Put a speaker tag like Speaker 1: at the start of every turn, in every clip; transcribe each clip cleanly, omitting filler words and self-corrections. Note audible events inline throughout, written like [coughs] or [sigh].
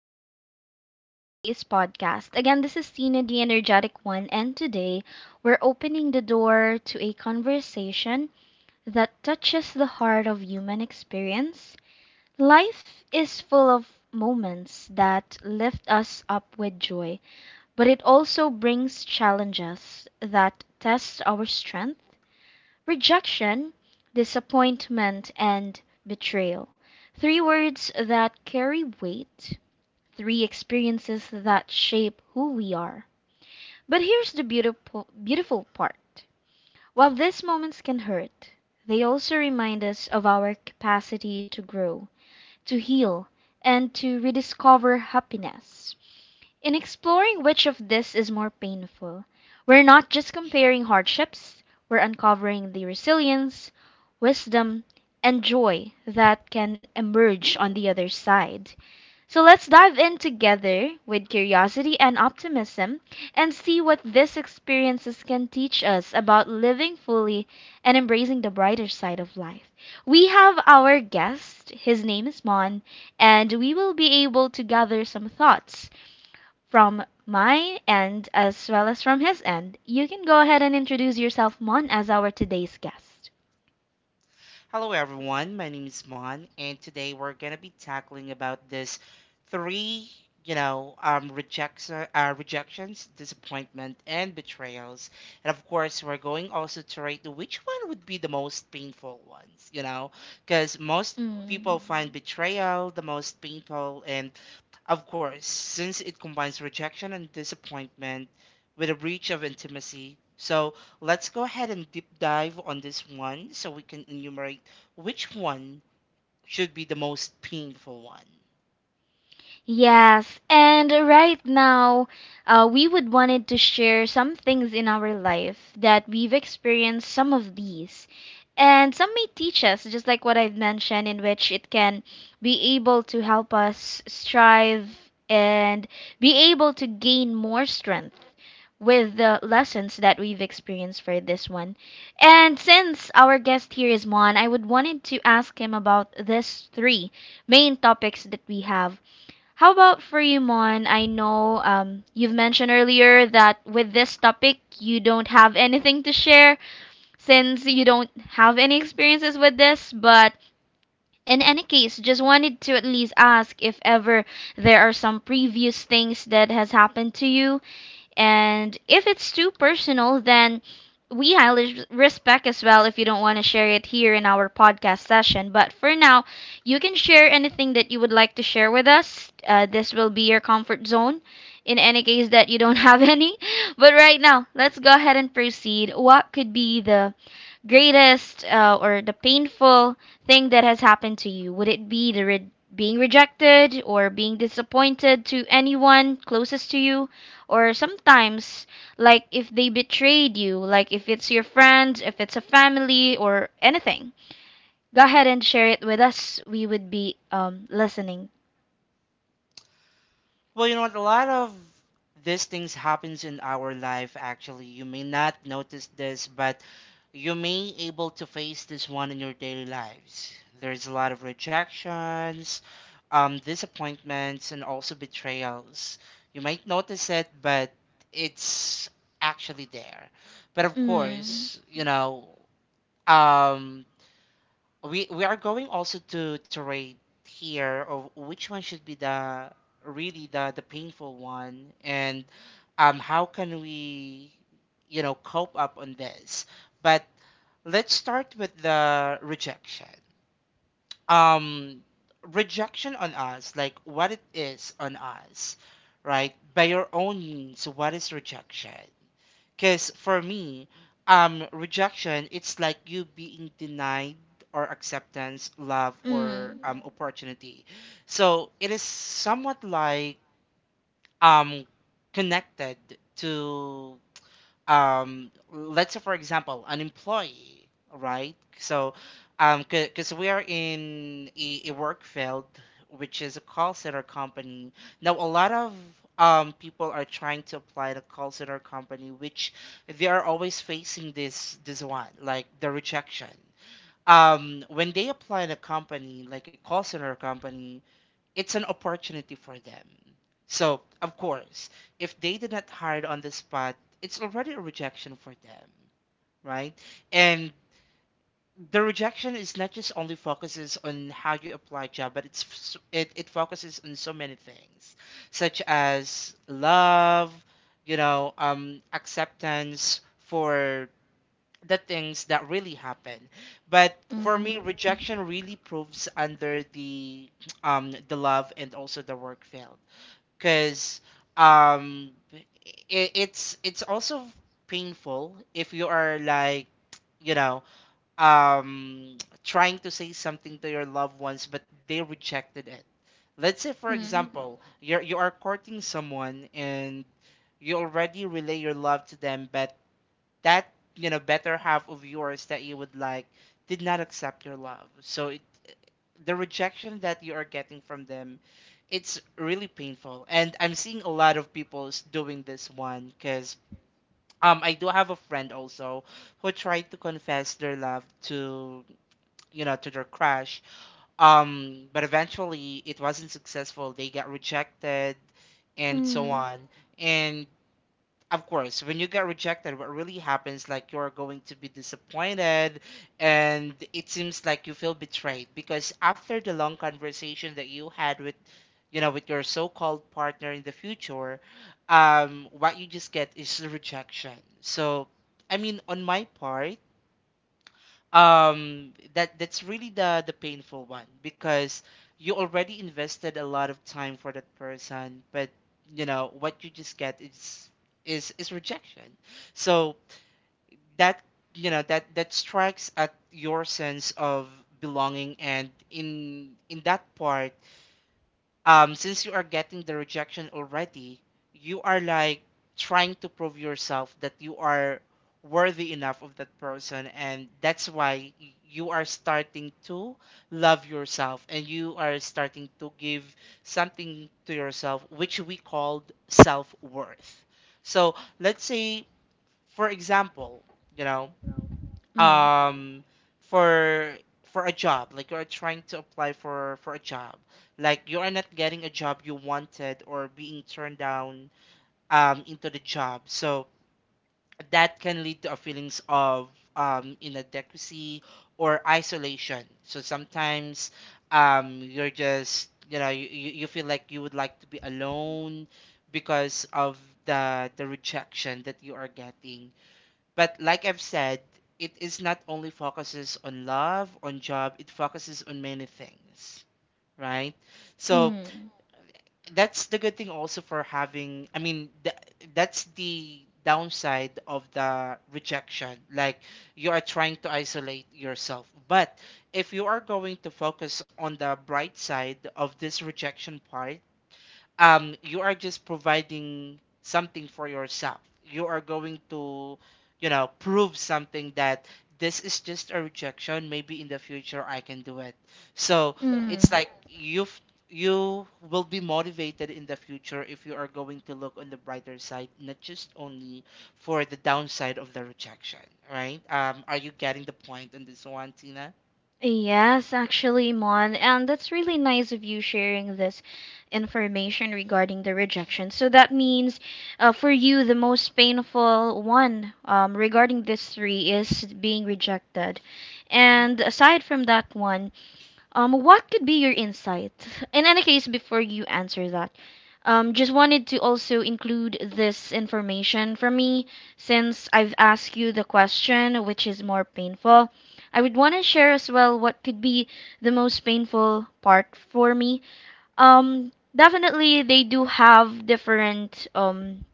Speaker 1: welcome for our today's podcast. Again, this is Tina, the energetic one, and today we're opening the door to a conversation that touches the heart of human experience. Life is full of moments that lift us up with joy, but it also brings challenges that test our strength. Rejection, disappointment, and betrayal. Three words that carry weight, three experiences that shape who we are. But here's the beautiful, beautiful part. While these moments can hurt, they also remind us of our capacity to grow, to heal, and to rediscover happiness. In exploring which of this is more painful, we're not just comparing hardships, we're uncovering the resilience, wisdom, and joy that can emerge on the other side. So let's dive in together with curiosity and optimism and see what these experiences can teach us about living fully and embracing the brighter side of life. We have our guest, his name is Mon, and we will be able to gather some thoughts from my end, as well as from his end. You can go ahead and introduce yourself, Mon, as our today's guest.
Speaker 2: Hello everyone, my name is Mon, and today we're gonna be tackling about this three, rejection, rejections, disappointment, and betrayals. And of course, we're going also to rate which one would be the most painful ones, you know, because most
Speaker 1: Mm.
Speaker 2: people find betrayal the most painful and of course, since it combines rejection and disappointment with a breach of intimacy. So let's go ahead and deep dive on this one so we can enumerate which one should be the most painful one.
Speaker 1: Yes, and right now, we would wanted to share some things in our life that we've experienced some of these. And some may teach us, just like what I've mentioned, in which it can be able to help us strive and be able to gain more strength with the lessons that we've experienced for this one. And since our guest here is Mon, I would wanted to ask him about this three main topics that we have. How about for you, Mon? I know, you've mentioned earlier that with this topic you don't have anything to share since you don't have any experiences with this, but in any case, just wanted to at least ask if ever there are some previous things that has happened to you, and if it's too personal, then we highly respect as well if you don't want to share it here in our podcast session. But for now, you can share anything that you would like to share with us. This will be your comfort zone in any case that you don't have [laughs] any. But right now, let's go ahead and proceed. What could be the greatest or the painful thing that has happened to you? Would it be the being rejected or being disappointed to anyone closest to you? Or sometimes, like if they betrayed you, like if it's your friend, if it's a family, or anything? Go ahead and share it with us. We would be listening.
Speaker 2: Well, you know what? A lot of these things happens in our life. Actually, you may not notice this, but you may able to face this one in your daily lives. There's a lot of rejections, disappointments, and also betrayals. You might notice it, but it's actually there. But of
Speaker 1: Mm,
Speaker 2: course, you know, um, we are going also to rate here of which one should be the really the painful one and how can we you know cope up on this. But let's start with the rejection. Um Rejection on us, like what it is on us, right? By your own means, what is rejection? Because for me, rejection, it's like you being denied or acceptance, love, or
Speaker 1: mm,
Speaker 2: opportunity. So it is somewhat like um, connected to um, let's say for example, an employee, right? So um, because we are in a work field which is a call center company. Now a lot of um, people are trying to apply to call center company, which they are always facing this one, like the rejection, when they apply in a company like a call center company. It's an opportunity for them. So, of course, if they did not hire on the spot, it's already a rejection for them, right? And the rejection is not just only focuses on how you apply job, but it's it focuses on so many things, such as love, you know, acceptance for the things that really happen. But for me,
Speaker 1: mm,
Speaker 2: rejection really proves under the um, the love and also the work field, because um, it's it's also painful if you are like, you know, um, trying to say something to your loved ones but they rejected it. Let's say for
Speaker 1: mm,
Speaker 2: example, you are courting someone and you already relay your love to them, but that, you know, better half of yours that you would like did not accept your love. So the rejection that you are getting from them, it's really painful. And I'm seeing a lot of people doing this one because um, I do have a friend also who tried to confess their love to, you know, to their crush, but eventually it wasn't successful. They got rejected and so
Speaker 1: mm,
Speaker 2: on. And of course, when you get rejected, what really happens, like you're going to be disappointed, and it seems like you feel betrayed because after the long conversation that you had with, you know, with your so-called partner in the future, what you just get is rejection. So, I mean, on my part, um, that that's really the painful one because you already invested a lot of time for that person, but you know what you just get is is rejection. So that, you know, that strikes at your sense of belonging. And in that part, since you are getting the rejection already, you are like trying to prove yourself that you are worthy enough of that person, and that's why you are starting to love yourself, and you are starting to give something to yourself, which we called self-worth. So let's say for example, you know,
Speaker 1: mm, mm,
Speaker 2: um, for a job, like you're trying to apply for a job, like you are not getting a job you wanted or being turned down um, into the job. So that can lead to a feelings of um, inadequacy or isolation. So sometimes um, you're just, you know, you you feel like you would like to be alone because of the rejection that you are getting. But like I've said, it is not only focuses on love, on job, it focuses on many things, right? So
Speaker 1: mm.
Speaker 2: that's the good thing also for having, I mean, that's the downside of the rejection. Like you are trying to isolate yourself. But if you are going to focus on the bright side of this rejection part, um, you are just providing something for yourself. You are going to, you know, prove something that this is just a rejection. Maybe in the future I can do it. So it's
Speaker 1: Mm.
Speaker 2: like you've, you will be motivated in the future if you are going to look on the brighter side, not just only for the downside of the rejection, right? Um are you getting the point on this one, Tina?
Speaker 1: Yes, actually, Mon. And that's really nice of you sharing this information regarding the rejection. So that means, for you, the most painful one, regarding this three is being rejected. And
Speaker 2: Hmm.
Speaker 1: aside from that one, what could be your insight? In any case, before you answer that, just wanted to also include this information from me since I've asked you the question, which is more painful. I would want to share as well what could be the most painful part for me. Definitely, they do have different,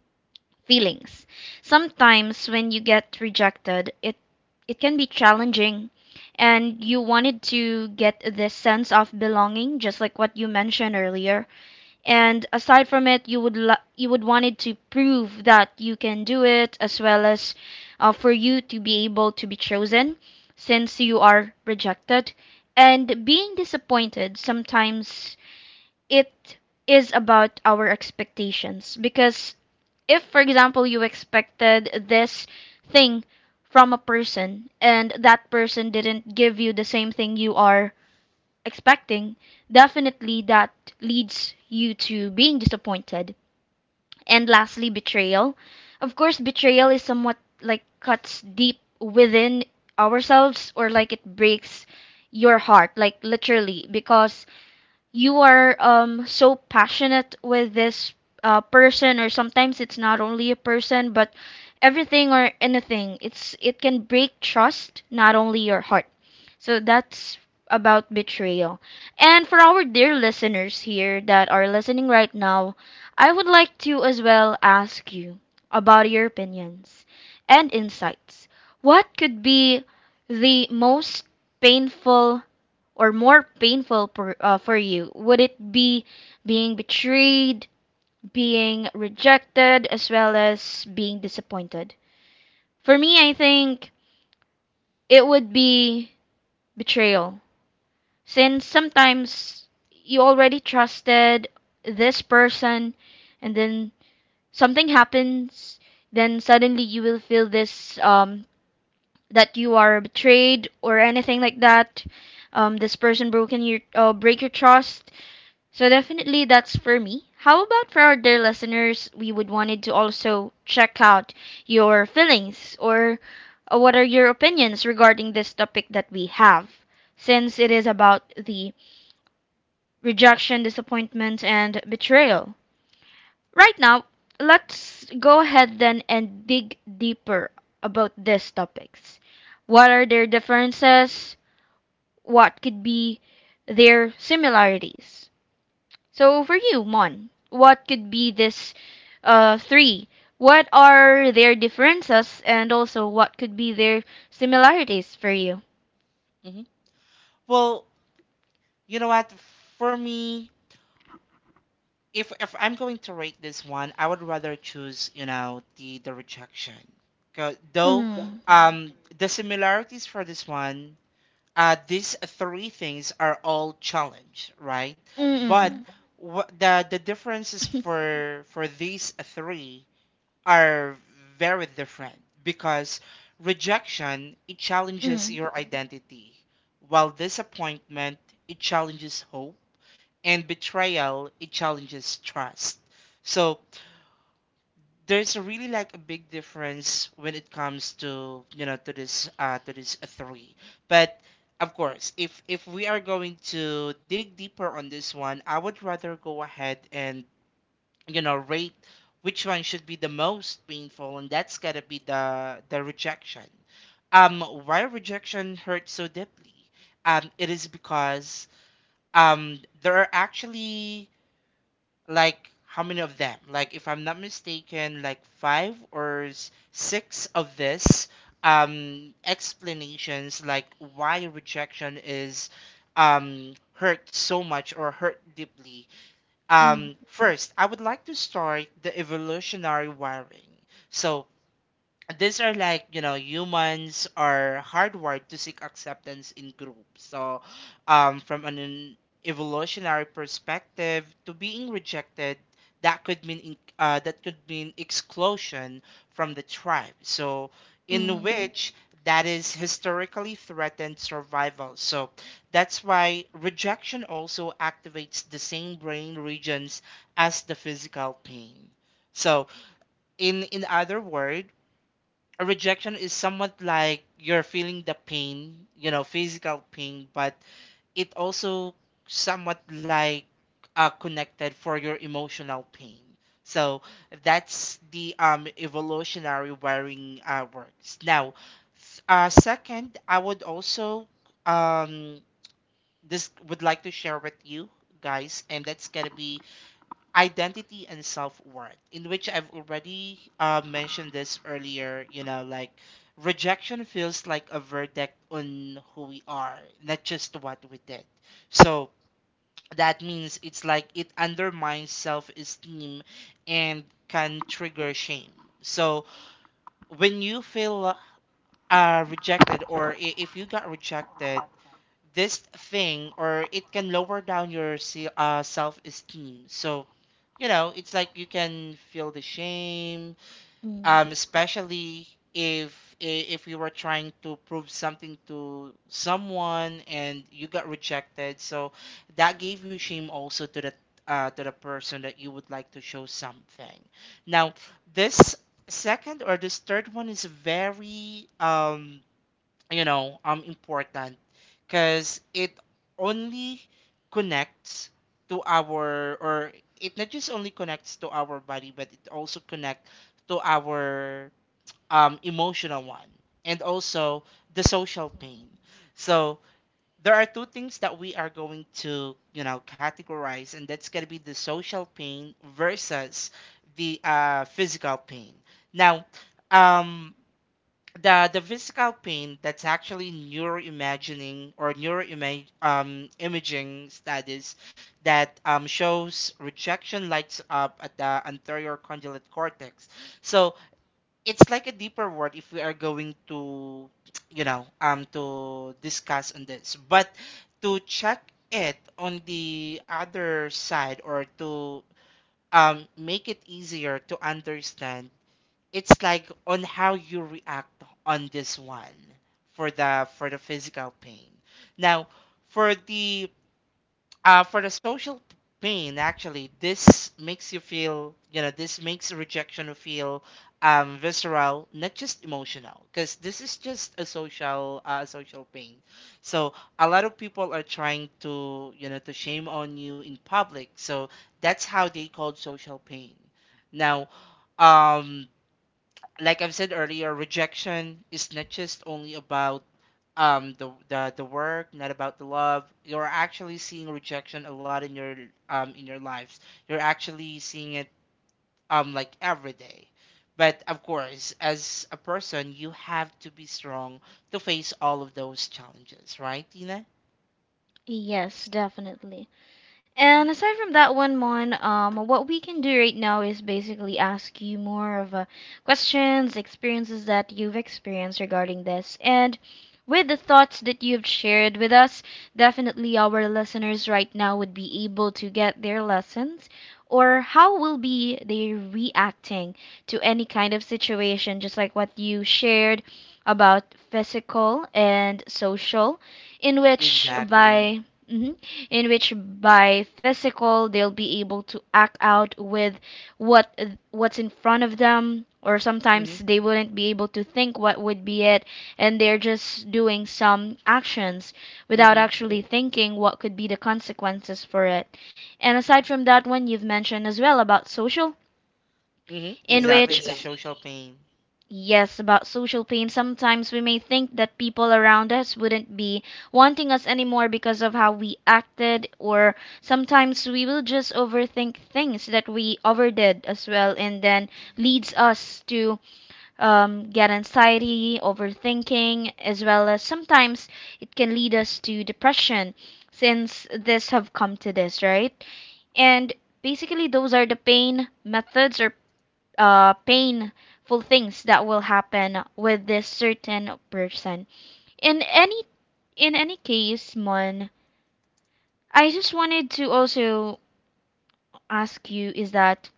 Speaker 1: feelings. Sometimes when you get rejected, it can be challenging, and you wanted to get this sense of belonging just like what you mentioned earlier. And aside from it, you would you would wanted to prove that you can do it as well, as for you to be able to be chosen since you are rejected. And being disappointed sometimes, it is about our expectations, because if for example you expected this thing from a person and that person didn't give you the same thing you are expecting, definitely that leads you to being disappointed. And lastly, betrayal. Of course betrayal is somewhat like cuts deep within ourselves, or like it breaks your heart, like literally, because you are so passionate with this person. Or sometimes it's not only a person but everything or anything, it's it can break trust, not only your heart. So that's about betrayal. And for our dear listeners here that are listening right now, I would like to as well ask you about your opinions and insights. What could be the most painful or more painful for you? Would it be being betrayed, being rejected, as well as being disappointed? For me, I think it would be betrayal. Since sometimes you already trusted this person and then something happens, then suddenly you will feel this, that you are betrayed or anything like that. This person broken your break your trust. So definitely that's for me. How about for our dear listeners? We would wanted to also check out your feelings, or what are your opinions regarding this topic that we have, since it is about the rejection, disappointment, and betrayal. Right now, let's go ahead then and dig deeper about these topics. What are their differences? What could be their similarities? So for you, Mon, what could be this, three? What are their differences, and also what could be their similarities for you?
Speaker 2: Hmm. Well, you know what? For me, if I'm going to rate this one, I would rather choose, you know, the rejection. 'Cause Though
Speaker 1: Mm.
Speaker 2: um, the similarities for this one, uh, these three things are all challenge, right? But
Speaker 1: Mm.
Speaker 2: what the differences
Speaker 1: [laughs]
Speaker 2: for these three are very different because rejection, it challenges
Speaker 1: Mm.
Speaker 2: your identity, while disappointment, it challenges hope, and betrayal, it challenges trust. So there's really like a big difference when it comes to, you know, to this uh, to this three. But of course, if we are going to dig deeper on this one, I would rather go ahead and, you know, rate which one should be the most painful, and that's gotta be the rejection. Um why rejection hurts so deeply, um, it is because um, there are actually, like, how many of them? Like if I'm not mistaken, like five or six of this um, explanations like why rejection is um, hurt so much or hurt deeply.
Speaker 1: Mm.
Speaker 2: First, I would like to start the evolutionary wiring. So these are like, you know, humans are hardwired to seek acceptance in groups. So from an, evolutionary perspective, to being rejected, that could mean that could mean exclusion from the tribe, so in
Speaker 1: Mm.
Speaker 2: which that is historically threatened survival. So that's why rejection also activates the same brain regions as the physical pain. So in other words, a rejection is somewhat like you're feeling the pain, you know, physical pain, but it also somewhat like, connected for your emotional pain. So that's the um, evolutionary wiring works. Now, second, I would also um, this would like to share with you guys, and that's gonna be identity and self-worth, in which I've already mentioned this earlier, you know, like rejection feels like a verdict on who we are, not just what we did. So that means it's like it undermines self-esteem and can trigger shame. So when you feel rejected, or if you got rejected, this thing or it can lower down your self-esteem. So you know it's like you can feel the shame,
Speaker 1: Mm.
Speaker 2: especially if you were trying to prove something to someone and you got rejected, so that gave you shame also to the, to the person that you would like to show something. Now, this second or this third one is very um, you know, important because it only connects to our, or it not just only connects to our body, but it also connects to our emotional one, and also the social pain. So there are two things that we are going to, you know, categorize, and that's going to be the social pain versus the physical pain. Now, um, the physical pain, that's actually neuroimagining or neuroimage imaging studies that shows rejection lights up at the anterior cingulate cortex. So it's like a deeper word if we are going to, you know, um, to discuss on this, but to check it on the other side or to make it easier to understand, it's like on how you react on this one for the physical pain. Now, for the for the social pain, actually, this makes you feel, you know, this makes rejection feel visceral, not just emotional, because this is just a social social pain. So a lot of people are trying to, you know, to shame on you in public. So that's how they call social pain. Now, um, like I've said earlier, rejection is not just only about um, the the work, not about the love. You're actually seeing rejection a lot in your um, in your lives. You're actually seeing it um, like every day. But of course, as a person, you have to be strong to face all of those challenges, right, Tina?
Speaker 1: [coughs] Yes, definitely. And
Speaker 2: Hmm.
Speaker 1: aside from that one, Mon, what we can do right now is basically ask you more of, questions, experiences that you've experienced regarding this. And with the thoughts that you've shared with us, definitely our listeners right now would be able to get their lessons, or how will be they reacting to any kind of situation, just like what you shared about physical and social. In which
Speaker 2: Exactly.
Speaker 1: by, mhm, in which by physical, they'll be able to act out with what what's in front of them, or sometimes
Speaker 2: Mm-hmm.
Speaker 1: they wouldn't be able to think what would be it, and they're just doing some actions without
Speaker 2: Mm-hmm.
Speaker 1: actually thinking what could be the consequences for it. And aside from that one, you've mentioned as well about social,
Speaker 2: Mm-hmm.
Speaker 1: in
Speaker 2: Exactly.
Speaker 1: which
Speaker 2: It's a social pain.
Speaker 1: Yes, about social pain. Sometimes we may think that people around us wouldn't be wanting us anymore because of how we acted, or sometimes we will just overthink things that we overdid as well, and then leads us to, get anxiety, overthinking, as well as sometimes it can lead us
Speaker 2: Mm-hmm.
Speaker 1: to depression since this have come to this, right? And basically those are the pain methods, or painful things that will happen with this certain person. In any in any case, Mon, I just wanted to also ask you is that,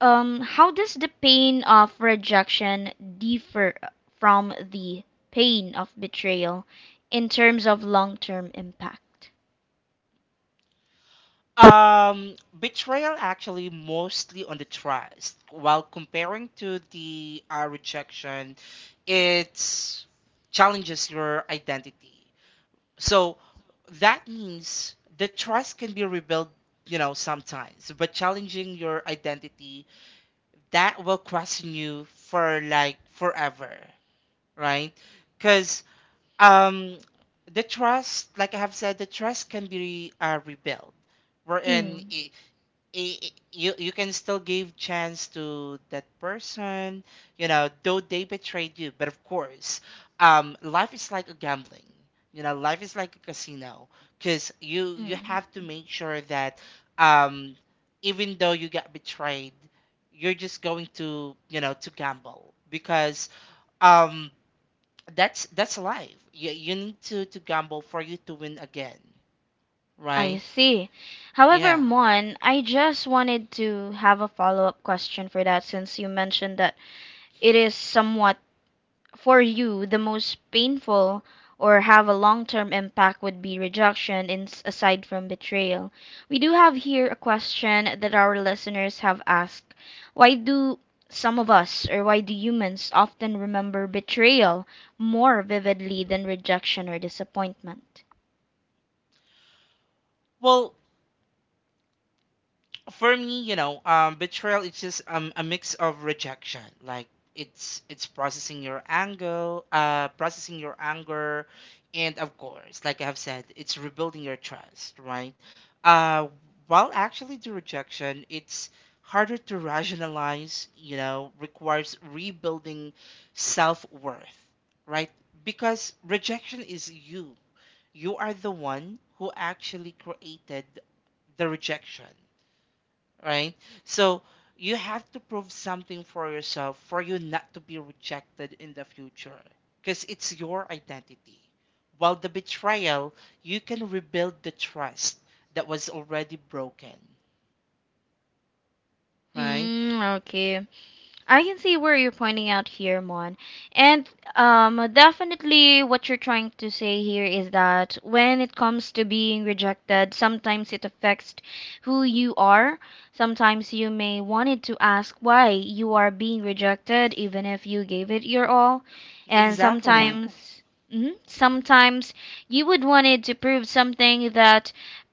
Speaker 1: how does the pain of rejection differ from the pain of betrayal in terms of long-term impact?
Speaker 2: Um, Betrayal actually mostly on the trust. While comparing to the rejection, it challenges your identity. So that means the trust can be rebuilt, you know, sometimes, but challenging your identity, that will question you for like forever, right? Because um, the trust, like I have said, the trust can be rebuilt wherein
Speaker 1: Mm,
Speaker 2: you can still give chance to that person, you know, though they betrayed you, but of course, life is like a gambling, you know, life is like a casino, because you
Speaker 1: mm.
Speaker 2: have to make sure that, um even though you get betrayed, you're just going to, you know, to gamble because, um that's life. You need to gamble for you to win again,
Speaker 1: I
Speaker 2: right?
Speaker 1: see. However,
Speaker 2: Yeah,
Speaker 1: Mon, I just wanted to have a follow-up question for that, since you mentioned that it is somewhat for you the most painful, or have a long-term impact would be rejection in, aside from betrayal. We do have here a question that our listeners have asked. Why do some of us, or why do humans often remember betrayal more vividly than rejection or disappointment?
Speaker 2: well, for me, you know, betrayal is just a mix of rejection. Like, it's processing your anger, and of course, like I have said, it's rebuilding your trust, right? Uh, while actually the rejection, it's harder to rationalize. You know, requires rebuilding self worth, right? Because rejection is you. You are the one who actually created the rejection, right? So you have to prove something for yourself for you not to be rejected in the future, because it's your identity. While the betrayal, you can rebuild the trust that was already broken, right?
Speaker 1: Mm, okay. I can see where you're pointing out here, Mon. And, definitely what you're trying to say here is that when it comes to being rejected, sometimes it affects who you are. Sometimes you may wanted to ask why you are being rejected, even if you gave it your all. And, yeah,
Speaker 2: Exactly.
Speaker 1: sometimes, mhm, sometimes you would wanted to prove something that,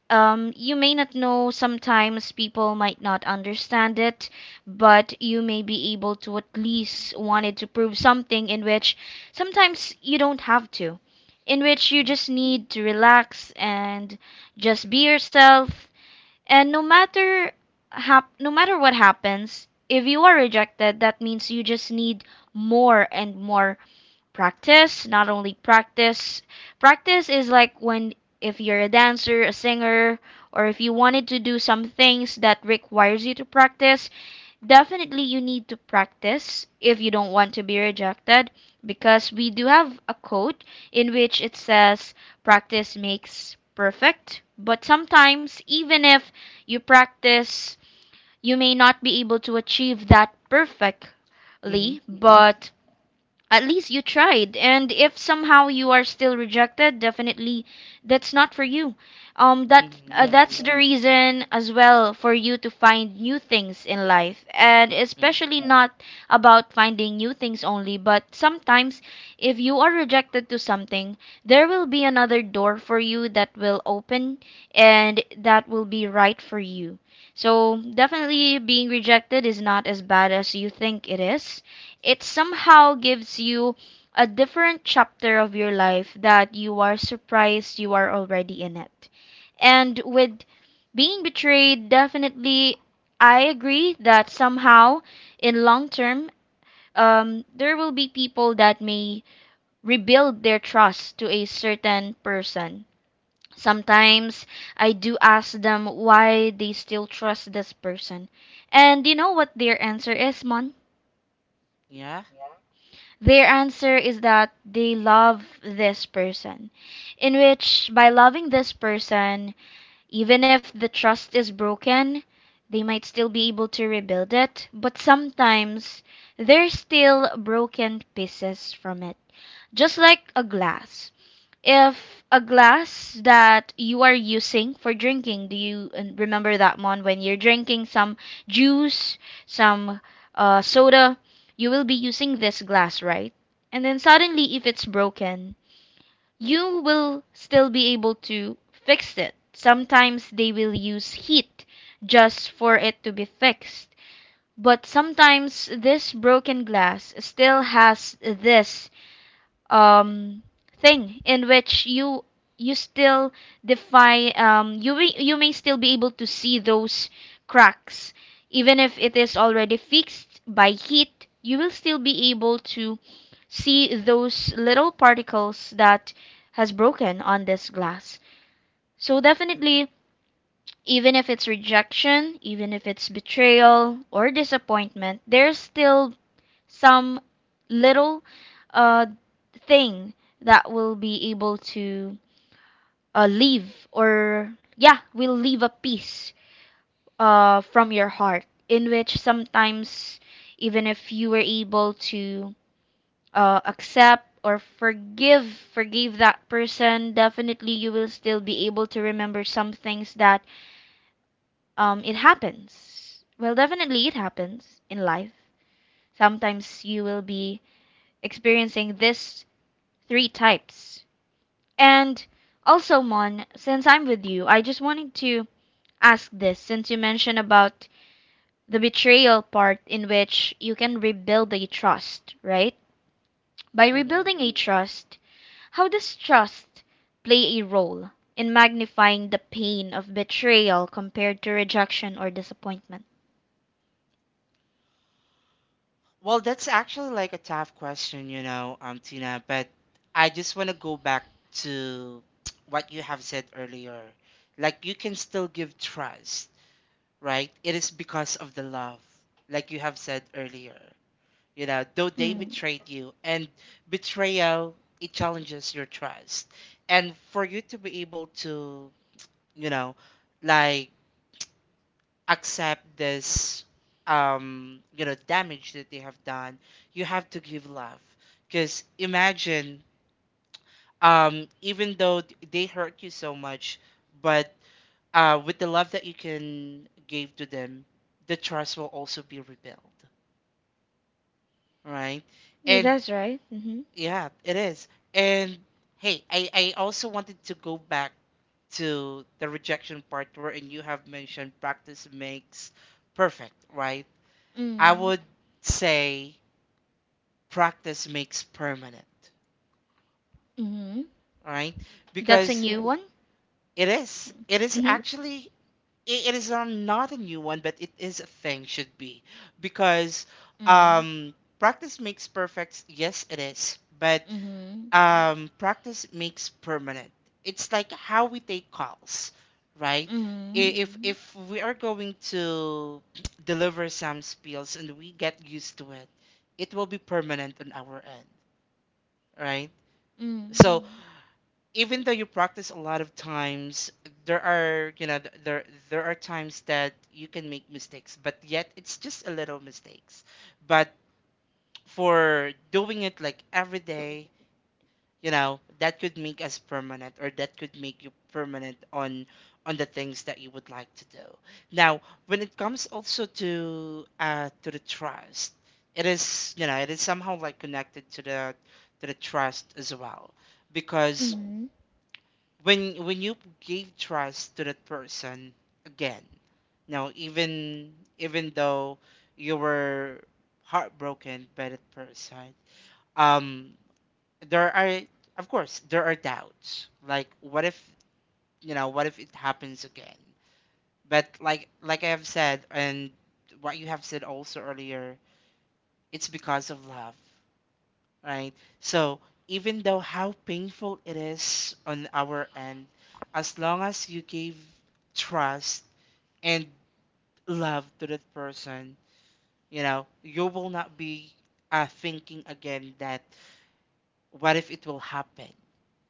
Speaker 1: you may not know, sometimes people might not understand it, but you may be able to at least wanted to prove something, in which sometimes you don't have to, in which you just need to relax and just be yourself. And no matter no matter what happens, if you are rejected, that means you just need more and more practice. Not only practice, practice is like when, if you're a dancer, a singer, or if you wanted to do some things that requires you to practice, definitely you need to practice if you don't want to be rejected. Because we do have a quote in which it says, practice makes perfect, but sometimes even if you practice, you may not be able to achieve that perfectly.
Speaker 2: Mm-hmm.
Speaker 1: But at least you tried, and if somehow you are still rejected, definitely that's not for you. That
Speaker 2: Mm-hmm.
Speaker 1: that's the reason as well for you to find new things in life, and
Speaker 2: mm
Speaker 1: especially not about finding new things only, but sometimes if you are rejected to something, there will be another door for you that will open, and that will be right for you. So definitely being rejected is not as bad as you think it is. It somehow gives you a different chapter of your life that you are surprised you are already in it. And with being betrayed, definitely, I agree that somehow, in long term, there will be people that may rebuild their trust to a certain person. Sometimes I do ask them why they still trust this person. And you know what their answer is, Mon?
Speaker 2: Yeah.
Speaker 1: Their answer is that they love this person, in which, by loving this person, even if the trust is broken, they might still be able to rebuild it, but sometimes there's still broken pieces from it, just like a glass. If a glass that you are using for drinking, do you remember that one? When you're drinking some juice, some soda, you will be using this glass, right? And then suddenly, if it's broken, you will still be able to fix it. Sometimes they will use heat just for it to be fixed. But sometimes this broken glass still has this um, thing in which you still defy, you may still be able to see those cracks. Even if it is already fixed by heat, you will still be able to see those little particles that has broken on this glass. So definitely, even if it's rejection, even if it's betrayal or disappointment, there's still some little uh, thing that will be able to leave, or yeah, will leave a piece from your heart, in which sometimes even if you were able to accept or forgive, forgive that person, definitely you will still be able to remember some things that it happens. Well, definitely it happens in life. Sometimes you will be experiencing this three types. And also, Mon, since I'm with you, I just wanted to ask this since you mentioned about the betrayal part in which you can rebuild a trust, right? By
Speaker 2: Mm-hmm.
Speaker 1: rebuilding a trust, how does trust play a role in magnifying the pain of betrayal compared to rejection or disappointment?
Speaker 2: Well, that's actually like a tough question, you know, Tina, but I just want to go back to [tsk] what you have said earlier. Like, you can still give trust, right? It is because of the love, like you have said earlier. You know, though they
Speaker 1: Mm.
Speaker 2: betrayed you, and betrayal, it challenges your trust. And for you to be able to, you know, like, accept this, you know, damage that they have done, you have to give love. Because imagine, even though they hurt you so much, but with the love that you can give to them, the trust will also be rebuilt, right? And
Speaker 1: That's right. Mm-hmm.
Speaker 2: yeah, it is. And hey, I also wanted to go back to the rejection part where, and you have mentioned practice makes perfect, right? I
Speaker 1: Mm.
Speaker 2: would say practice makes permanent,
Speaker 1: Mm-hmm.
Speaker 2: right?
Speaker 1: That's a
Speaker 2: Because
Speaker 1: new one.
Speaker 2: it is. It is
Speaker 1: Mm-hmm.
Speaker 2: actually, it is a, not a new one, but it is a thing should be. Because
Speaker 1: Mm.
Speaker 2: um practice makes perfect, yes it is. But
Speaker 1: Mm-hmm.
Speaker 2: practice makes permanent. It's like how we take calls, right?
Speaker 1: Mm.
Speaker 2: If we are going to [tsk] deliver some spills and we get used to it, it will be permanent on our end, right?
Speaker 1: Mm.
Speaker 2: So even though you practice a lot of times, there are you know th- there there are times that you can make mistakes, but yet it's just a little mistakes. But for doing it like every day, you know, that could make us permanent, or that could make you permanent on the things that you would like to do now. When it comes also to to the trust, it is, you know, it is somehow like connected to the trust as well. Because
Speaker 1: Mm,
Speaker 2: when you give trust to that person again, now even though you were heartbroken by that person, um there are, of course there are doubts, like what if, you know, what if it happens again? But like I have said, and what you have said also earlier, it's because of love, right? So even though how painful it is on our end, as long as you gave trust and love to that person, you know, you will not be thinking again that what if it will happen.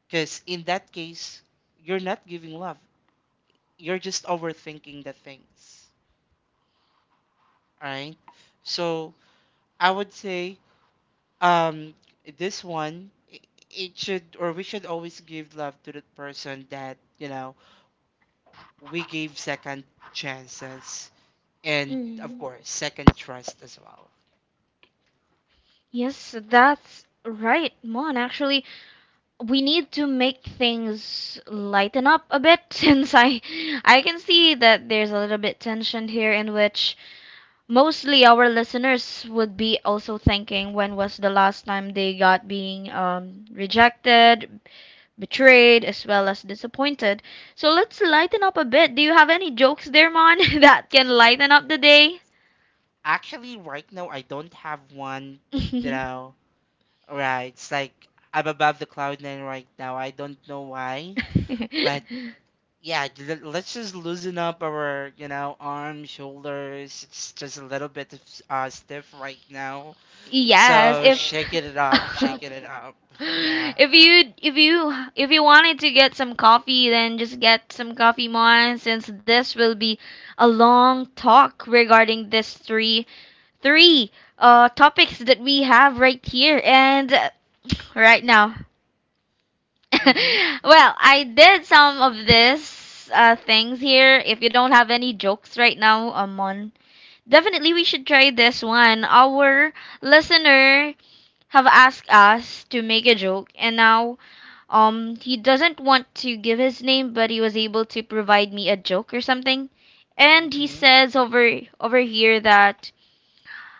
Speaker 2: Because in that case, you're not giving love. You're just overthinking the things, right? So I would say, um, this one, it should, or we should always give love to the person that, you know, we gave second chances and of
Speaker 1: mm.
Speaker 2: course second trust as well.
Speaker 1: Yes, that's right, Mon. Actually, we need to make things lighten up a bit [laughs] since I can see that there's a little bit tension here in which mostly our listeners would be also thinking when was the last time they got being rejected, betrayed, as well as disappointed. So let's lighten up a bit. Do you have any jokes there, Mon, [laughs] that can lighten up the day?
Speaker 2: Actually, right now I don't have one. You know, right? It's like I'm above the cloud nine right now. I don't know why, but
Speaker 1: [laughs]
Speaker 2: yeah, let's just loosen up our, you know, arms, shoulders. It's just a little bit of- stiff right now.
Speaker 1: Yes,
Speaker 2: So
Speaker 1: if
Speaker 2: shaking it up, shaking it
Speaker 1: [laughs]
Speaker 2: up. Yeah.
Speaker 1: If you wanted to get some coffee, then just get some coffee, Mon, since this will be a long talk regarding this three three topics that we have right here, and [laughs] right now. [laughs]
Speaker 2: Mhm.
Speaker 1: Well, I did some of this things here. If you don't have any jokes right now, Mon, definitely we should try this one. Our listener have asked us to make a joke, and now he doesn't want to give his name, but he was able to provide me a joke or something. And he
Speaker 2: Mhm.
Speaker 1: says over here that,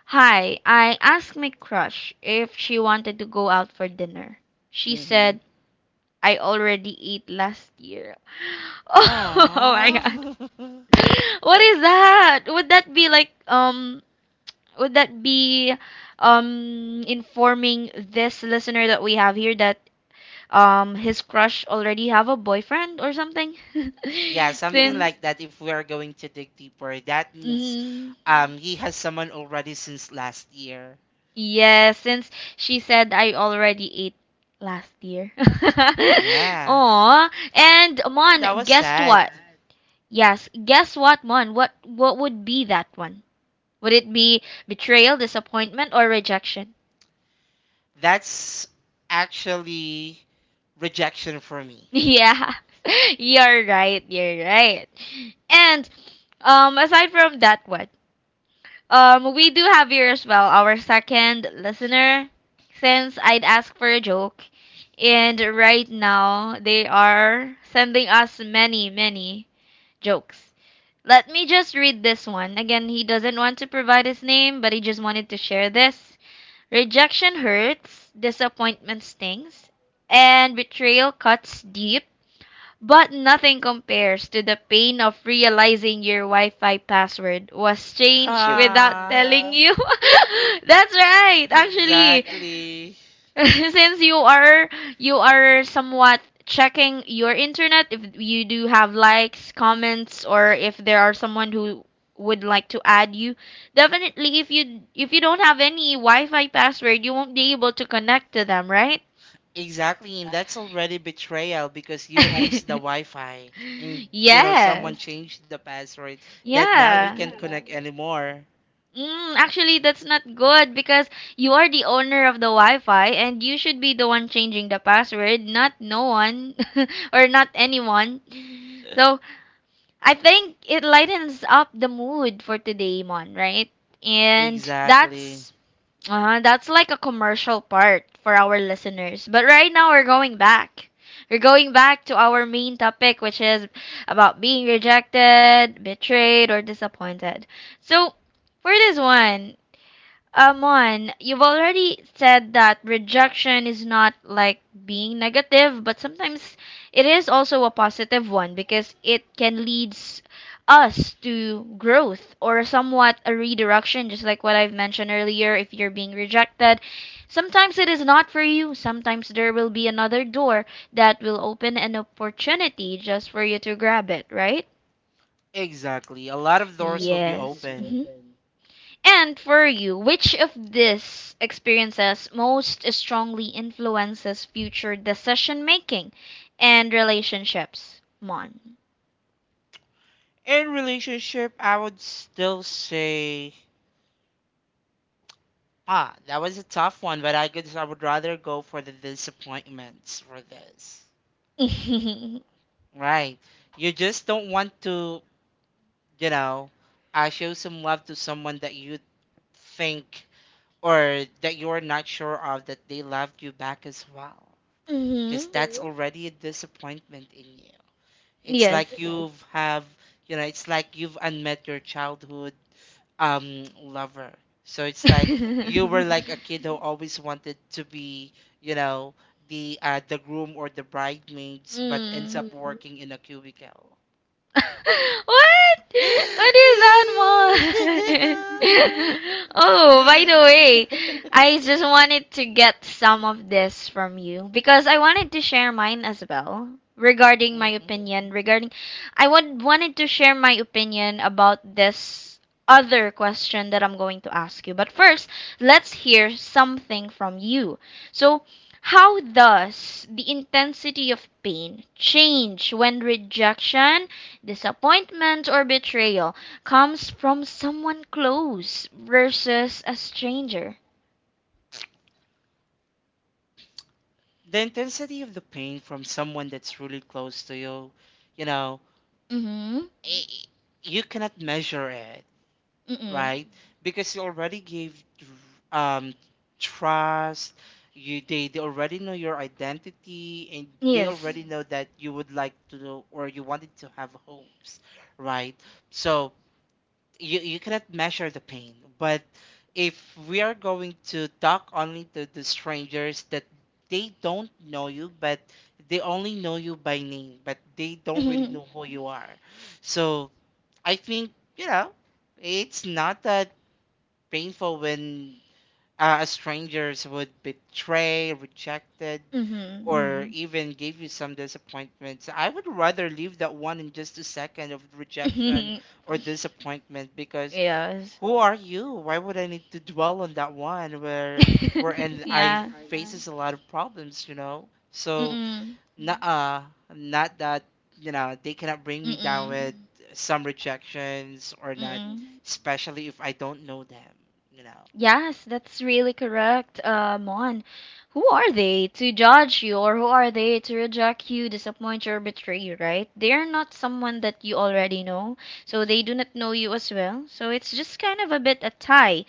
Speaker 1: hi, I asked my crush if she wanted to go out for dinner. She
Speaker 2: Mhm.
Speaker 1: said I already ate last year. [laughs] Oh, my god.
Speaker 2: Aww.
Speaker 1: [laughs] What is
Speaker 2: [laughs]
Speaker 1: that? Would that be like would that be informing this listener that we have here that his crush already have a boyfriend or something? [laughs]
Speaker 2: Yeah, something
Speaker 1: since
Speaker 2: like that. If we are going to dig deeper, that means
Speaker 1: Mm,
Speaker 2: he has someone already since last year.
Speaker 1: yeah, since she said I already ate last year. [laughs]
Speaker 2: Yeah.
Speaker 1: Aw. And
Speaker 2: Oh, that
Speaker 1: Mon,
Speaker 2: was
Speaker 1: guess
Speaker 2: sad.
Speaker 1: what? Yes, guess what, Mon? What would be that one? Would it be betrayal, disappointment, or rejection?
Speaker 2: That's actually rejection for me.
Speaker 1: [laughs] Yeah. You're right, you're right. And aside from that one, we do have here as well our second listener. Since I'd ask for a joke, and right now they are sending us many, many jokes. Let me just read this one. Again, he doesn't want to provide his name, but he just wanted to share this. Rejection hurts, disappointment stings, and betrayal cuts deep. But nothing compares to the pain of realizing your Wi Fi password was changed without
Speaker 2: Ha!
Speaker 1: telling you. [laughs] That's right, actually.
Speaker 2: Exactly.
Speaker 1: [laughs] Since you are somewhat checking your internet if you do have likes, comments, or if there are someone who would like to add you, definitely if you don't have any Wi-Fi password, you won't be able to connect to them, right?
Speaker 2: Exactly, and that's already betrayal because you owns the
Speaker 1: [laughs]
Speaker 2: Wi-Fi, and you know someone
Speaker 1: Yes.
Speaker 2: changed the password that now you can't
Speaker 1: Yeah.
Speaker 2: connect, yeah, anymore.
Speaker 1: Mm, actually, that's not good because you are the owner of the Wi-Fi and you should be the one changing the password, not no one [laughs] or not anyone. So I think it lightens up the mood for today, Mon, right? And
Speaker 2: Exactly.
Speaker 1: that's like a commercial part for our listeners. But right now we're going back. We're going back to our main topic, which is about being rejected, betrayed, or disappointed. So for this one, Amon, you've already said that rejection is not like being negative, but sometimes it is also a positive one because it can lead us to growth or somewhat a redirection, just like what I've mentioned earlier. If you're being rejected, sometimes it is not for you, sometimes there will be another door that will open an opportunity just for you to grab it, right?
Speaker 2: Exactly. A lot of doors will be
Speaker 1: Yes.
Speaker 2: open.
Speaker 1: Mhm. And for you, which of these experiences most strongly influences future decision making and relationships, Mon?
Speaker 2: In relationship, I would still say, ah, that was a tough one, but I could, I would rather go for the disappointments for this.
Speaker 1: [laughs]
Speaker 2: Right. You just don't want to, you know, show some love to someone that you think, or that you're not sure of that they loved you back as well. Because
Speaker 1: Hmm.
Speaker 2: that's already a disappointment in you. It's like
Speaker 1: Yes.
Speaker 2: you've have, you know, it's like you've unmet your childhood lover. So it's like
Speaker 1: [laughs]
Speaker 2: you were like a [laughs] kid who always wanted to be, you know, the groom or the bridesmaids, but ends
Speaker 1: Mm.
Speaker 2: up working in a cubicle.
Speaker 1: [laughs] What? What is that,
Speaker 2: [gasps]
Speaker 1: Mom? [laughs]
Speaker 2: [laughs]
Speaker 1: Oh, by the way,
Speaker 2: Mhm.
Speaker 1: I just wanted to get some of this from you because I wanted to share mine as well regarding my opinion regarding, I would wanted to share my opinion about this other question that I'm going to ask you. But first, let's hear something from you. So, how does the intensity of pain change when rejection, disappointment, or betrayal comes from someone close versus a stranger?
Speaker 2: The intensity of the pain from someone that's really close to you, you know,
Speaker 1: Mm-hmm.
Speaker 2: i- i- you cannot measure it,
Speaker 1: Mm-mm.
Speaker 2: right? Because you already gave um, trust. You They already know your identity, and they
Speaker 1: Yes.
Speaker 2: already know that you would like to know, or you wanted to have hopes, right? So you cannot measure the pain. But if we are going to talk only to the strangers that they don't know you, but they only know you by name, but they don't really
Speaker 1: Mm-hmm.
Speaker 2: know who you are, so I think, you know, it's not that painful when a strangers would betray, rejected,
Speaker 1: Mm-hmm.
Speaker 2: or even give you some disappointments. I would rather leave that one in just a second of rejection or
Speaker 1: [laughs]
Speaker 2: disappointment because.
Speaker 1: Yes.
Speaker 2: Who are you? Why would I need to dwell on that one where
Speaker 1: [laughs]
Speaker 2: and I [laughs] yeah,
Speaker 1: Yeah.
Speaker 2: faces a lot of problems, you know? So
Speaker 1: Mm-mm.
Speaker 2: not uh not that, you know, they cannot bring me down
Speaker 1: Mm-mm.
Speaker 2: with, mm-hmm, some rejections or not,
Speaker 1: Mm-mm.
Speaker 2: especially if I don't know them, you know.
Speaker 1: Yes, that's really correct, Mon. Who are they to judge you, or who are they to reject you, disappoint you, or betray you, right? They are not someone that you already know, so they do not know you as well. So it's just kind of a bit a tie,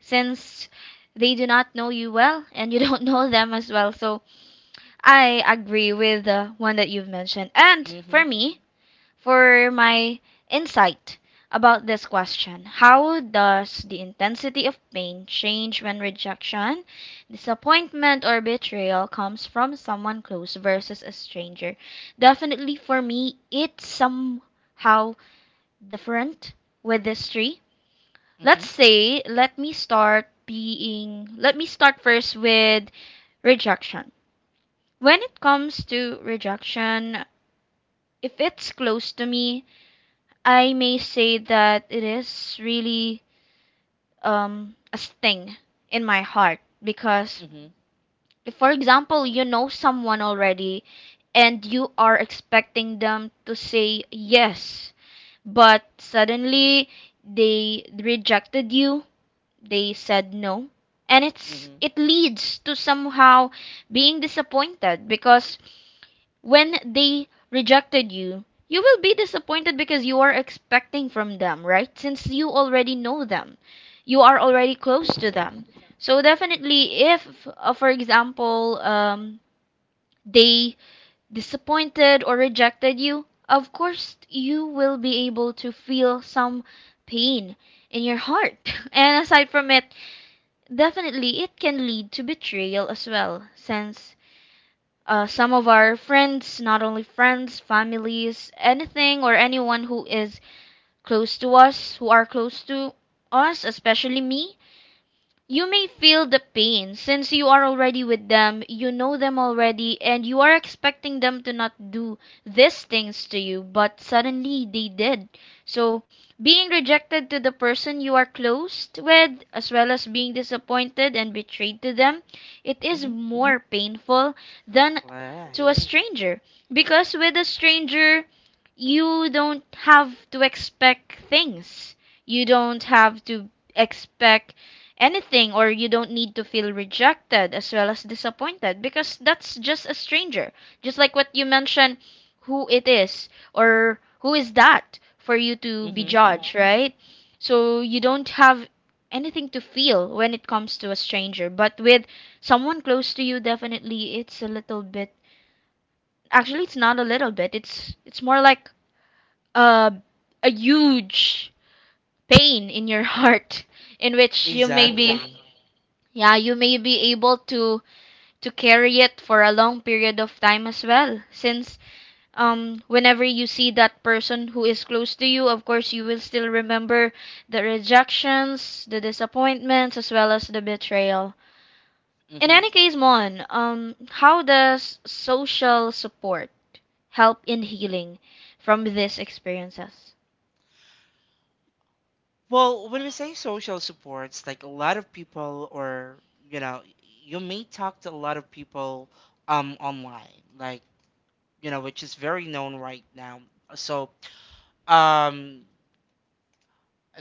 Speaker 1: since they do not know you well and you [laughs] don't know them as well. So I agree with the one that you've mentioned. And for
Speaker 2: Mhm.
Speaker 1: me, for my insight about this question. How does the intensity of pain change when rejection, disappointment, or betrayal comes from someone close versus a stranger? Definitely for me, it's somehow different with these three.
Speaker 2: Mhm.
Speaker 1: Let me start first with rejection. When it comes to rejection, if it's close to me, I may say that it is really a sting in my heart, because
Speaker 2: Mhm.
Speaker 1: if, for example, you know someone already and you are expecting them to say yes, but suddenly they rejected you, they said no, and it's
Speaker 2: Mhm.
Speaker 1: it leads to somehow being disappointed, because when they rejected you, you will be disappointed because you are expecting from them, right? Since you already know them, you are already close to them. So definitely, if, for example, they disappointed or rejected you, of course you will be able to feel some pain in your heart. [laughs] And aside from it, definitely it can lead to betrayal as well, since some of our friends, not only friends, families, anything or anyone who are close to us, especially me. You may feel the pain since you are already with them, you know them already, and you are expecting them to not do these things to you, but suddenly they did. So, being rejected to the person you are closed with, as well as being disappointed and betrayed to them, it is
Speaker 2: Mhm.
Speaker 1: more painful than
Speaker 2: Right.
Speaker 1: to a stranger. Because with a stranger, you don't have to expect things. You don't have to expect anything, or you don't need to feel rejected as well as disappointed, because that's just a stranger, just like what you mentioned. Who it is, or who is that for you to be
Speaker 2: Mhm. Mm.
Speaker 1: judged, right? So you don't have anything to feel when it comes to a stranger, but with someone close to you, definitely it's a little bit, actually it's not a little bit, it's more like, uh, a huge pain in your [laughs] heart, in which you may be,
Speaker 2: Exactly.
Speaker 1: yeah, you may be able to carry it for a long period of time as well. Since whenever you see that person who is close to you, of course you will still remember the rejections, the disappointments, as well as the betrayal. In any case, Mon, how does social support help in healing from these experiences?
Speaker 2: Well, when we say social supports, like a lot of people, or you know, you may talk to a lot of people online, like, you know, which is very known right now. So, um,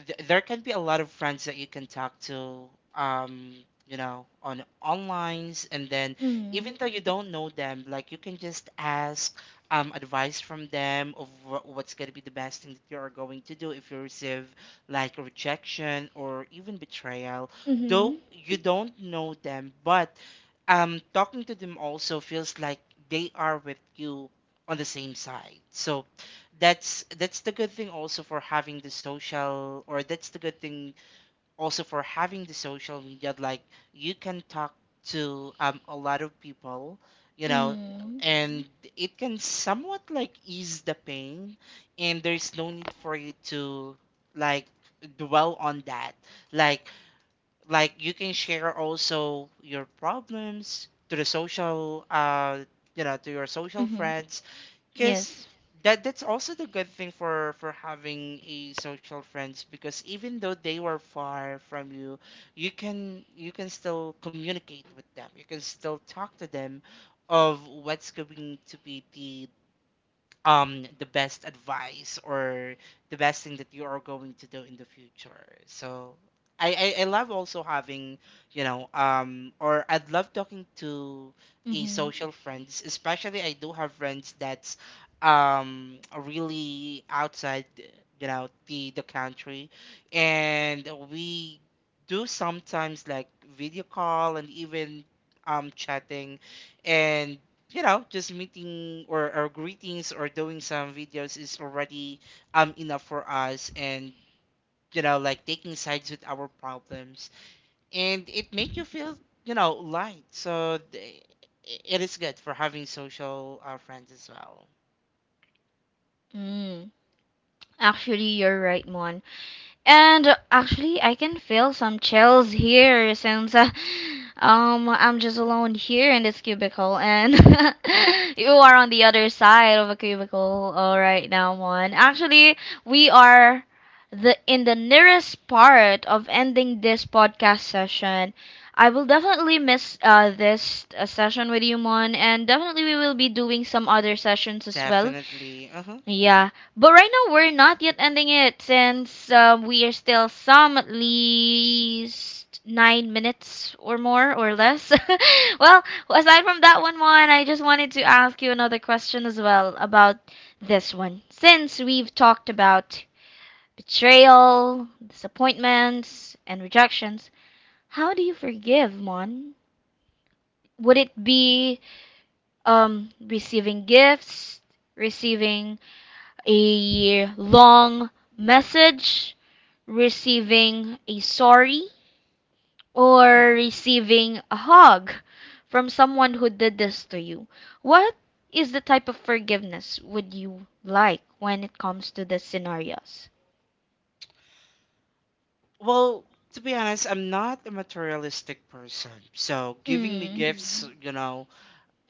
Speaker 2: there can be a lot of friends that you can talk to, um you know, on onlines, and then,
Speaker 1: Mm.
Speaker 2: even though you don't know them, like, you can just ask advice from them of what's going to be the best thing that you're going to do if you receive like rejection or even betrayal,
Speaker 1: Mm-hmm.
Speaker 2: though you don't know them. But talking to them also feels like they are with you on the same side. So that's the good thing also for having the social, or that's the good thing also for having the social media. Like, you can talk to a lot of people, you know,
Speaker 1: Mm.
Speaker 2: and it can somewhat like ease the pain, and there's no need for you to, like, dwell on that. Like, you can share also your problems to the social you know, to your social
Speaker 1: Mm-hmm.
Speaker 2: friends, because
Speaker 1: Yes.
Speaker 2: that, that's also the good thing for having a social friends. Because even though they were far from you, can you can still communicate with them, you can still talk to them of what's going to be the best advice or the best thing that you are going to do in the future. So, I love also having, you know, or I'd love talking to a
Speaker 1: Mm-hmm.
Speaker 2: social friends, especially I do have friends that's really outside, you know, the country, and we do sometimes, like, video call, and even chatting, and you know, just meeting, or greetings, or doing some videos is already enough for us, and you know, like, taking sides with our problems, and it make you feel, you know, light. So it is good for having social friends as well.
Speaker 1: Mm. Actually, you're right, Mon. And actually, I can feel some chills here since I'm just alone here in this cubicle, and [laughs] you are on the other side of a cubicle right now, Mon. Actually, we are the in the nearest part of ending this podcast session. I will definitely miss this session with you, Mon, and definitely we will be doing some other sessions as well.
Speaker 2: Definitely, uh-huh.
Speaker 1: Yeah, but right now we're not yet ending it since we are still some at least 9 minutes or more or less. [laughs] Well, aside from that, I just wanted to ask you another question as well about this one. Since we've talked about betrayal, disappointments, and rejections, how do you forgive, Mon? Would it be receiving gifts, receiving a long message, receiving a sorry, or
Speaker 2: Mhm.
Speaker 1: receiving a hug from someone who did this to you. What is the type of forgiveness would you like when it comes to the scenarios?
Speaker 2: Well, to be honest, I'm not a materialistic person, so giving me
Speaker 1: Mm.
Speaker 2: gifts, mhm, you know,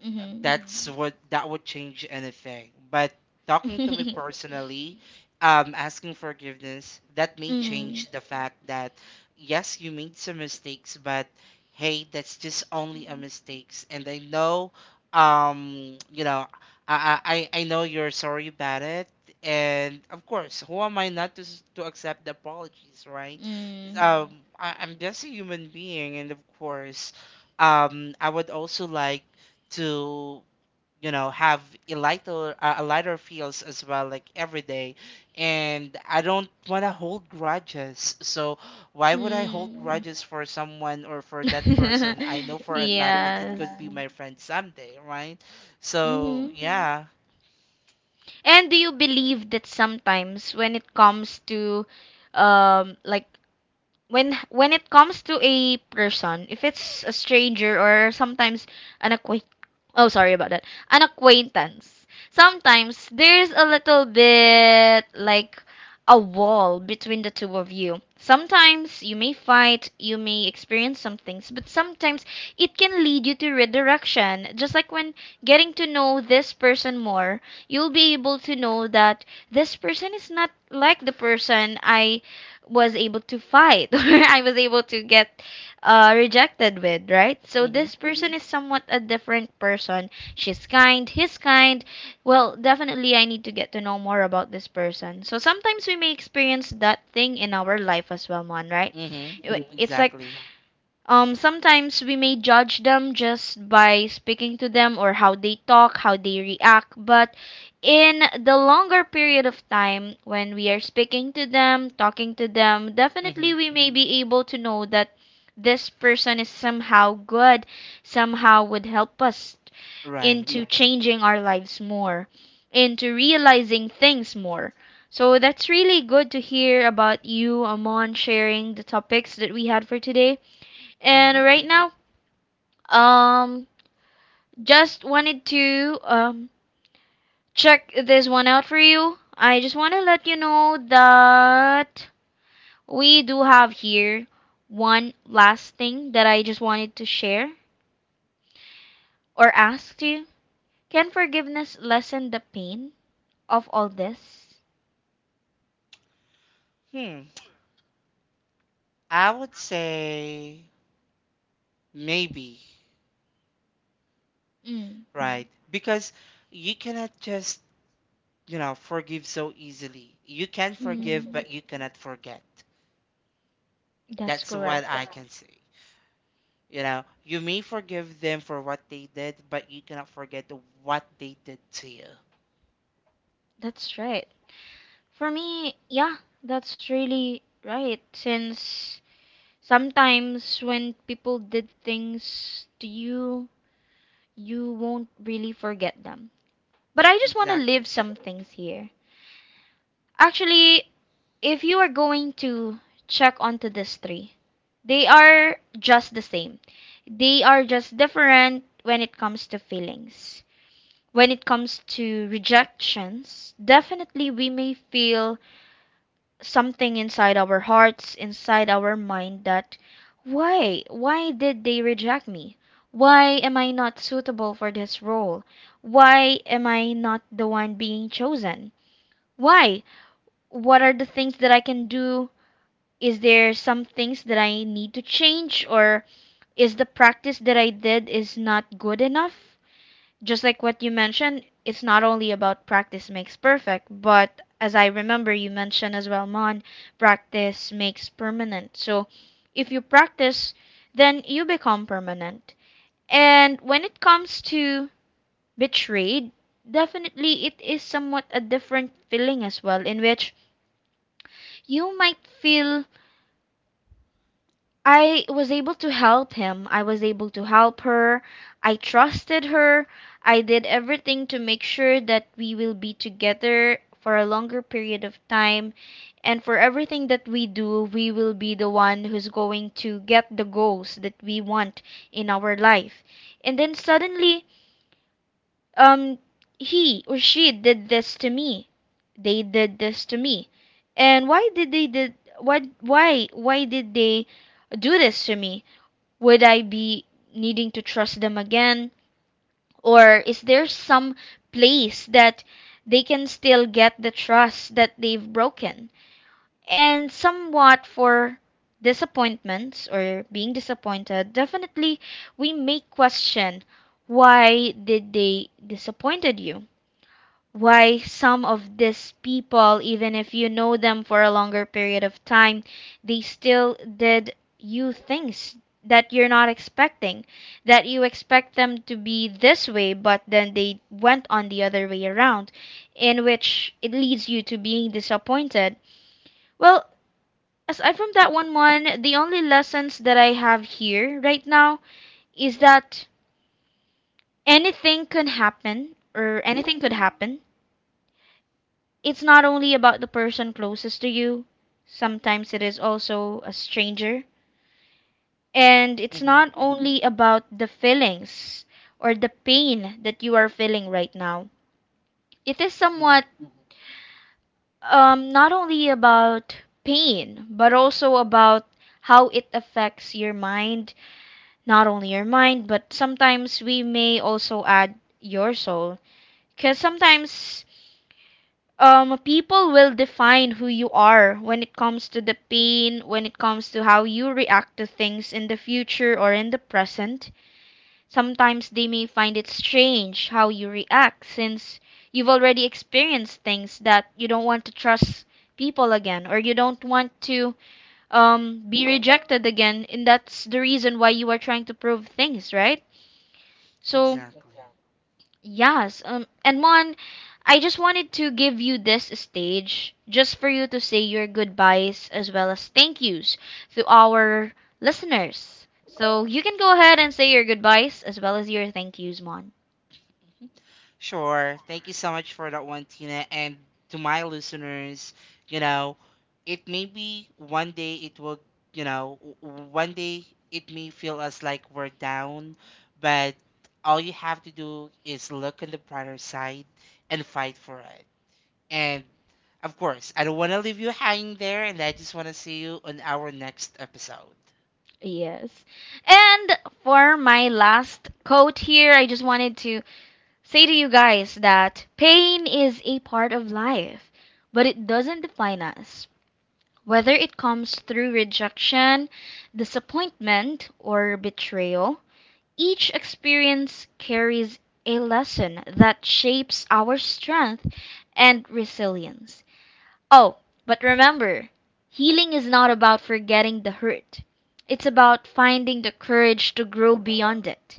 Speaker 1: Mm-hmm.
Speaker 2: that's hmm what that would change anything. But talking to me
Speaker 1: [laughs]
Speaker 2: personally, asking forgiveness, that may
Speaker 1: Mm.
Speaker 2: change the fact that yes, you made some mistakes, but hey, that's just only a mistakes. And I know, you know, I know you're sorry about it. And of course, who am I not to accept the apologies, right?
Speaker 1: Mm.
Speaker 2: I'm just a human being, and of course, I would also like to, you know, have a lighter feels as well, like, every day. And I don't want to hold grudges. So why would I hold
Speaker 1: Mm.
Speaker 2: grudges for someone, or for that person I know
Speaker 1: [laughs]
Speaker 2: for a fact that it
Speaker 1: Yes.
Speaker 2: could be my friend someday, right? So
Speaker 1: Mm-hmm.
Speaker 2: yeah.
Speaker 1: And do you believe that sometimes when it comes to um like when it comes to a person, if it's a stranger or sometimes an acquaintance, oh sorry about that, an acquaintance, sometimes there's a little bit like a wall between the two of you. Sometimes you may fight, you may experience some things, but sometimes it can lead you to redirection. Just like when getting to know this person more, you'll be able to know that this person is not like the person I was able to fight [laughs] or I was able to get rejected with, right? So
Speaker 2: Mhm.
Speaker 1: this person, Mhm, is somewhat a different person. She's kind, he's kind. Well, definitely I need to get to know more about this person. So sometimes we may experience that thing in our life as well, man, right?
Speaker 2: Mhm.
Speaker 1: Mhm. It's like
Speaker 2: Exactly.
Speaker 1: sometimes we may judge them just by speaking to them or how they talk, how they react, but in the longer period of time, when we are speaking to them, talking to them, definitely
Speaker 2: Mhm.
Speaker 1: we may be able to know that this person is somehow good, somehow would help us
Speaker 2: Right.
Speaker 1: into changing our lives more, into realizing things more. So that's really good to hear about you, Amon, sharing the topics that we had for today. And
Speaker 2: Mhm.
Speaker 1: right now, um, just wanted to check this one out for you. I just want to let you know that we do have here one last thing that I just wanted to share or ask you. Can forgiveness lessen the pain of all this?
Speaker 2: hmm I would say maybe,
Speaker 1: Mm.
Speaker 2: right? Because you cannot just, you know, forgive so easily. You can forgive,
Speaker 1: Mm.
Speaker 2: but you cannot forget.
Speaker 1: That's
Speaker 2: That's
Speaker 1: correct.
Speaker 2: what I can say. You know, you may forgive them for what they did, but you cannot forget what they did to you.
Speaker 1: That's right. For me, yeah, that's really right. Since sometimes when people did things to you, you won't really forget them. But I just want to
Speaker 2: Exactly.
Speaker 1: leave some things here. Actually, if you are going to check onto these three, they are just the same. They are just different when it comes to feelings. When it comes to rejections, definitely we may feel something inside our hearts, inside our mind that why did they reject me? Why am I not suitable for this role? Why am I not the one being chosen? Why? What are the things that I can do? Is there some things that I need to change or is the practice that I did is not good enough? Just like what you mentioned, it's not only about practice makes perfect, but as I remember, you mentioned as well, Mon, practice makes permanent. So if you practice, then you become permanent. And when it comes to betrayed, definitely it is somewhat a different feeling as well, in which you might feel I was able to help him. I was able to help her. I trusted her. I did everything to make sure that we will be together for a longer period of time. And for everything that we do, we will be the one who's going to get the goals that we want in our life. And then suddenly, um, he or she did this to me. They did this to me. And why did they do this to me? Would I be needing to trust them again? Or is there some place that they can still get the trust that they've broken? And somewhat for disappointments or being disappointed, definitely we may question why did they disappointed you? Why some of these people, even if you know them for a longer period of time, they still did you things that you're not expecting, that you expect them to be this way, but then they went on the other way around, in which it leads you to being disappointed. Well, aside from that, the only lessons that I have here right now is that anything can happen, or anything could happen. It's not only about the person closest to you, sometimes it is also a stranger. And it's
Speaker 2: Mhm.
Speaker 1: not only about the feelings or the pain that you are feeling right now. It is
Speaker 2: Mhm.
Speaker 1: somewhat not only about pain, but also about how it affects your mind. Not only your mind, but sometimes we may also add your soul. Because sometimes people will define who you are when it comes to the pain, when it comes to how you react to things in the future or in the present. Sometimes they may find it strange how you react since you've already experienced things that you don't want to trust people again or you don't want to be rejected again. And that's the reason why you are trying to prove things, right? So
Speaker 2: Exactly.
Speaker 1: yes, and Mon, I just wanted to give you this stage just for you to say your goodbyes as well as thank yous to our listeners. So you can go ahead and say your goodbyes as well as your thank yous, Mon.
Speaker 2: Sure. Thank you so much for that one, Tina. And to my listeners, you know, it may be one day it will, you know, one day it may feel us like we're down, but all you have to do is look on the brighter side and fight for it. And of course, I don't want to leave you hanging there, and I just want to see you on our next episode.
Speaker 1: Yes. And for my last quote here, I just wanted to say to you guys that pain is a part of life, but it doesn't define us. Whether it comes through rejection, disappointment, or betrayal, each experience carries a lesson that shapes our strength and resilience. Oh, but remember, healing is not about forgetting the hurt, it's about finding the courage to grow beyond it.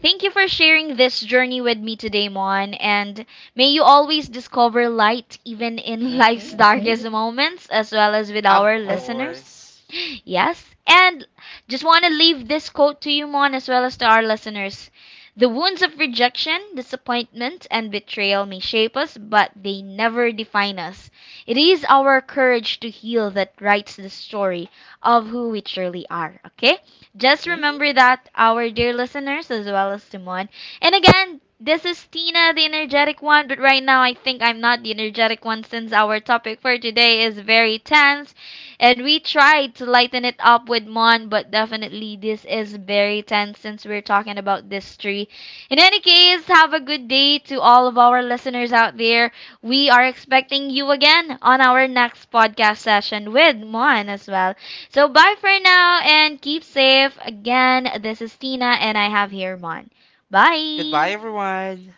Speaker 1: Thank you for sharing this journey with me today, Mon, and may you always discover light even in [laughs] life's
Speaker 2: Mm-hmm.
Speaker 1: darkest moments, as well as with
Speaker 2: Of
Speaker 1: our listeners.
Speaker 2: course.
Speaker 1: Yes, and just want to leave this quote to you, Mon, as well as to our listeners. The wounds of rejection, disappointment, and betrayal may shape us, but they never define us. It is our courage to heal that writes the story of who we truly are, okay? Just
Speaker 2: Mm-hmm.
Speaker 1: remember that, our dear listeners, as well as Simon. And again, this is Tina, the energetic one, but right now I think I'm not the energetic one since our topic for today is very tense and we tried to lighten it up with Mon, but definitely this is very tense since we're talking about this tree. In any case, have a good day to all of our listeners out there. We are expecting you again on our next podcast session with Mon as well. So bye for now and keep safe. Again, this is Tina and I have here Mon.
Speaker 2: Goodbye,
Speaker 1: Bye.
Speaker 2: everyone.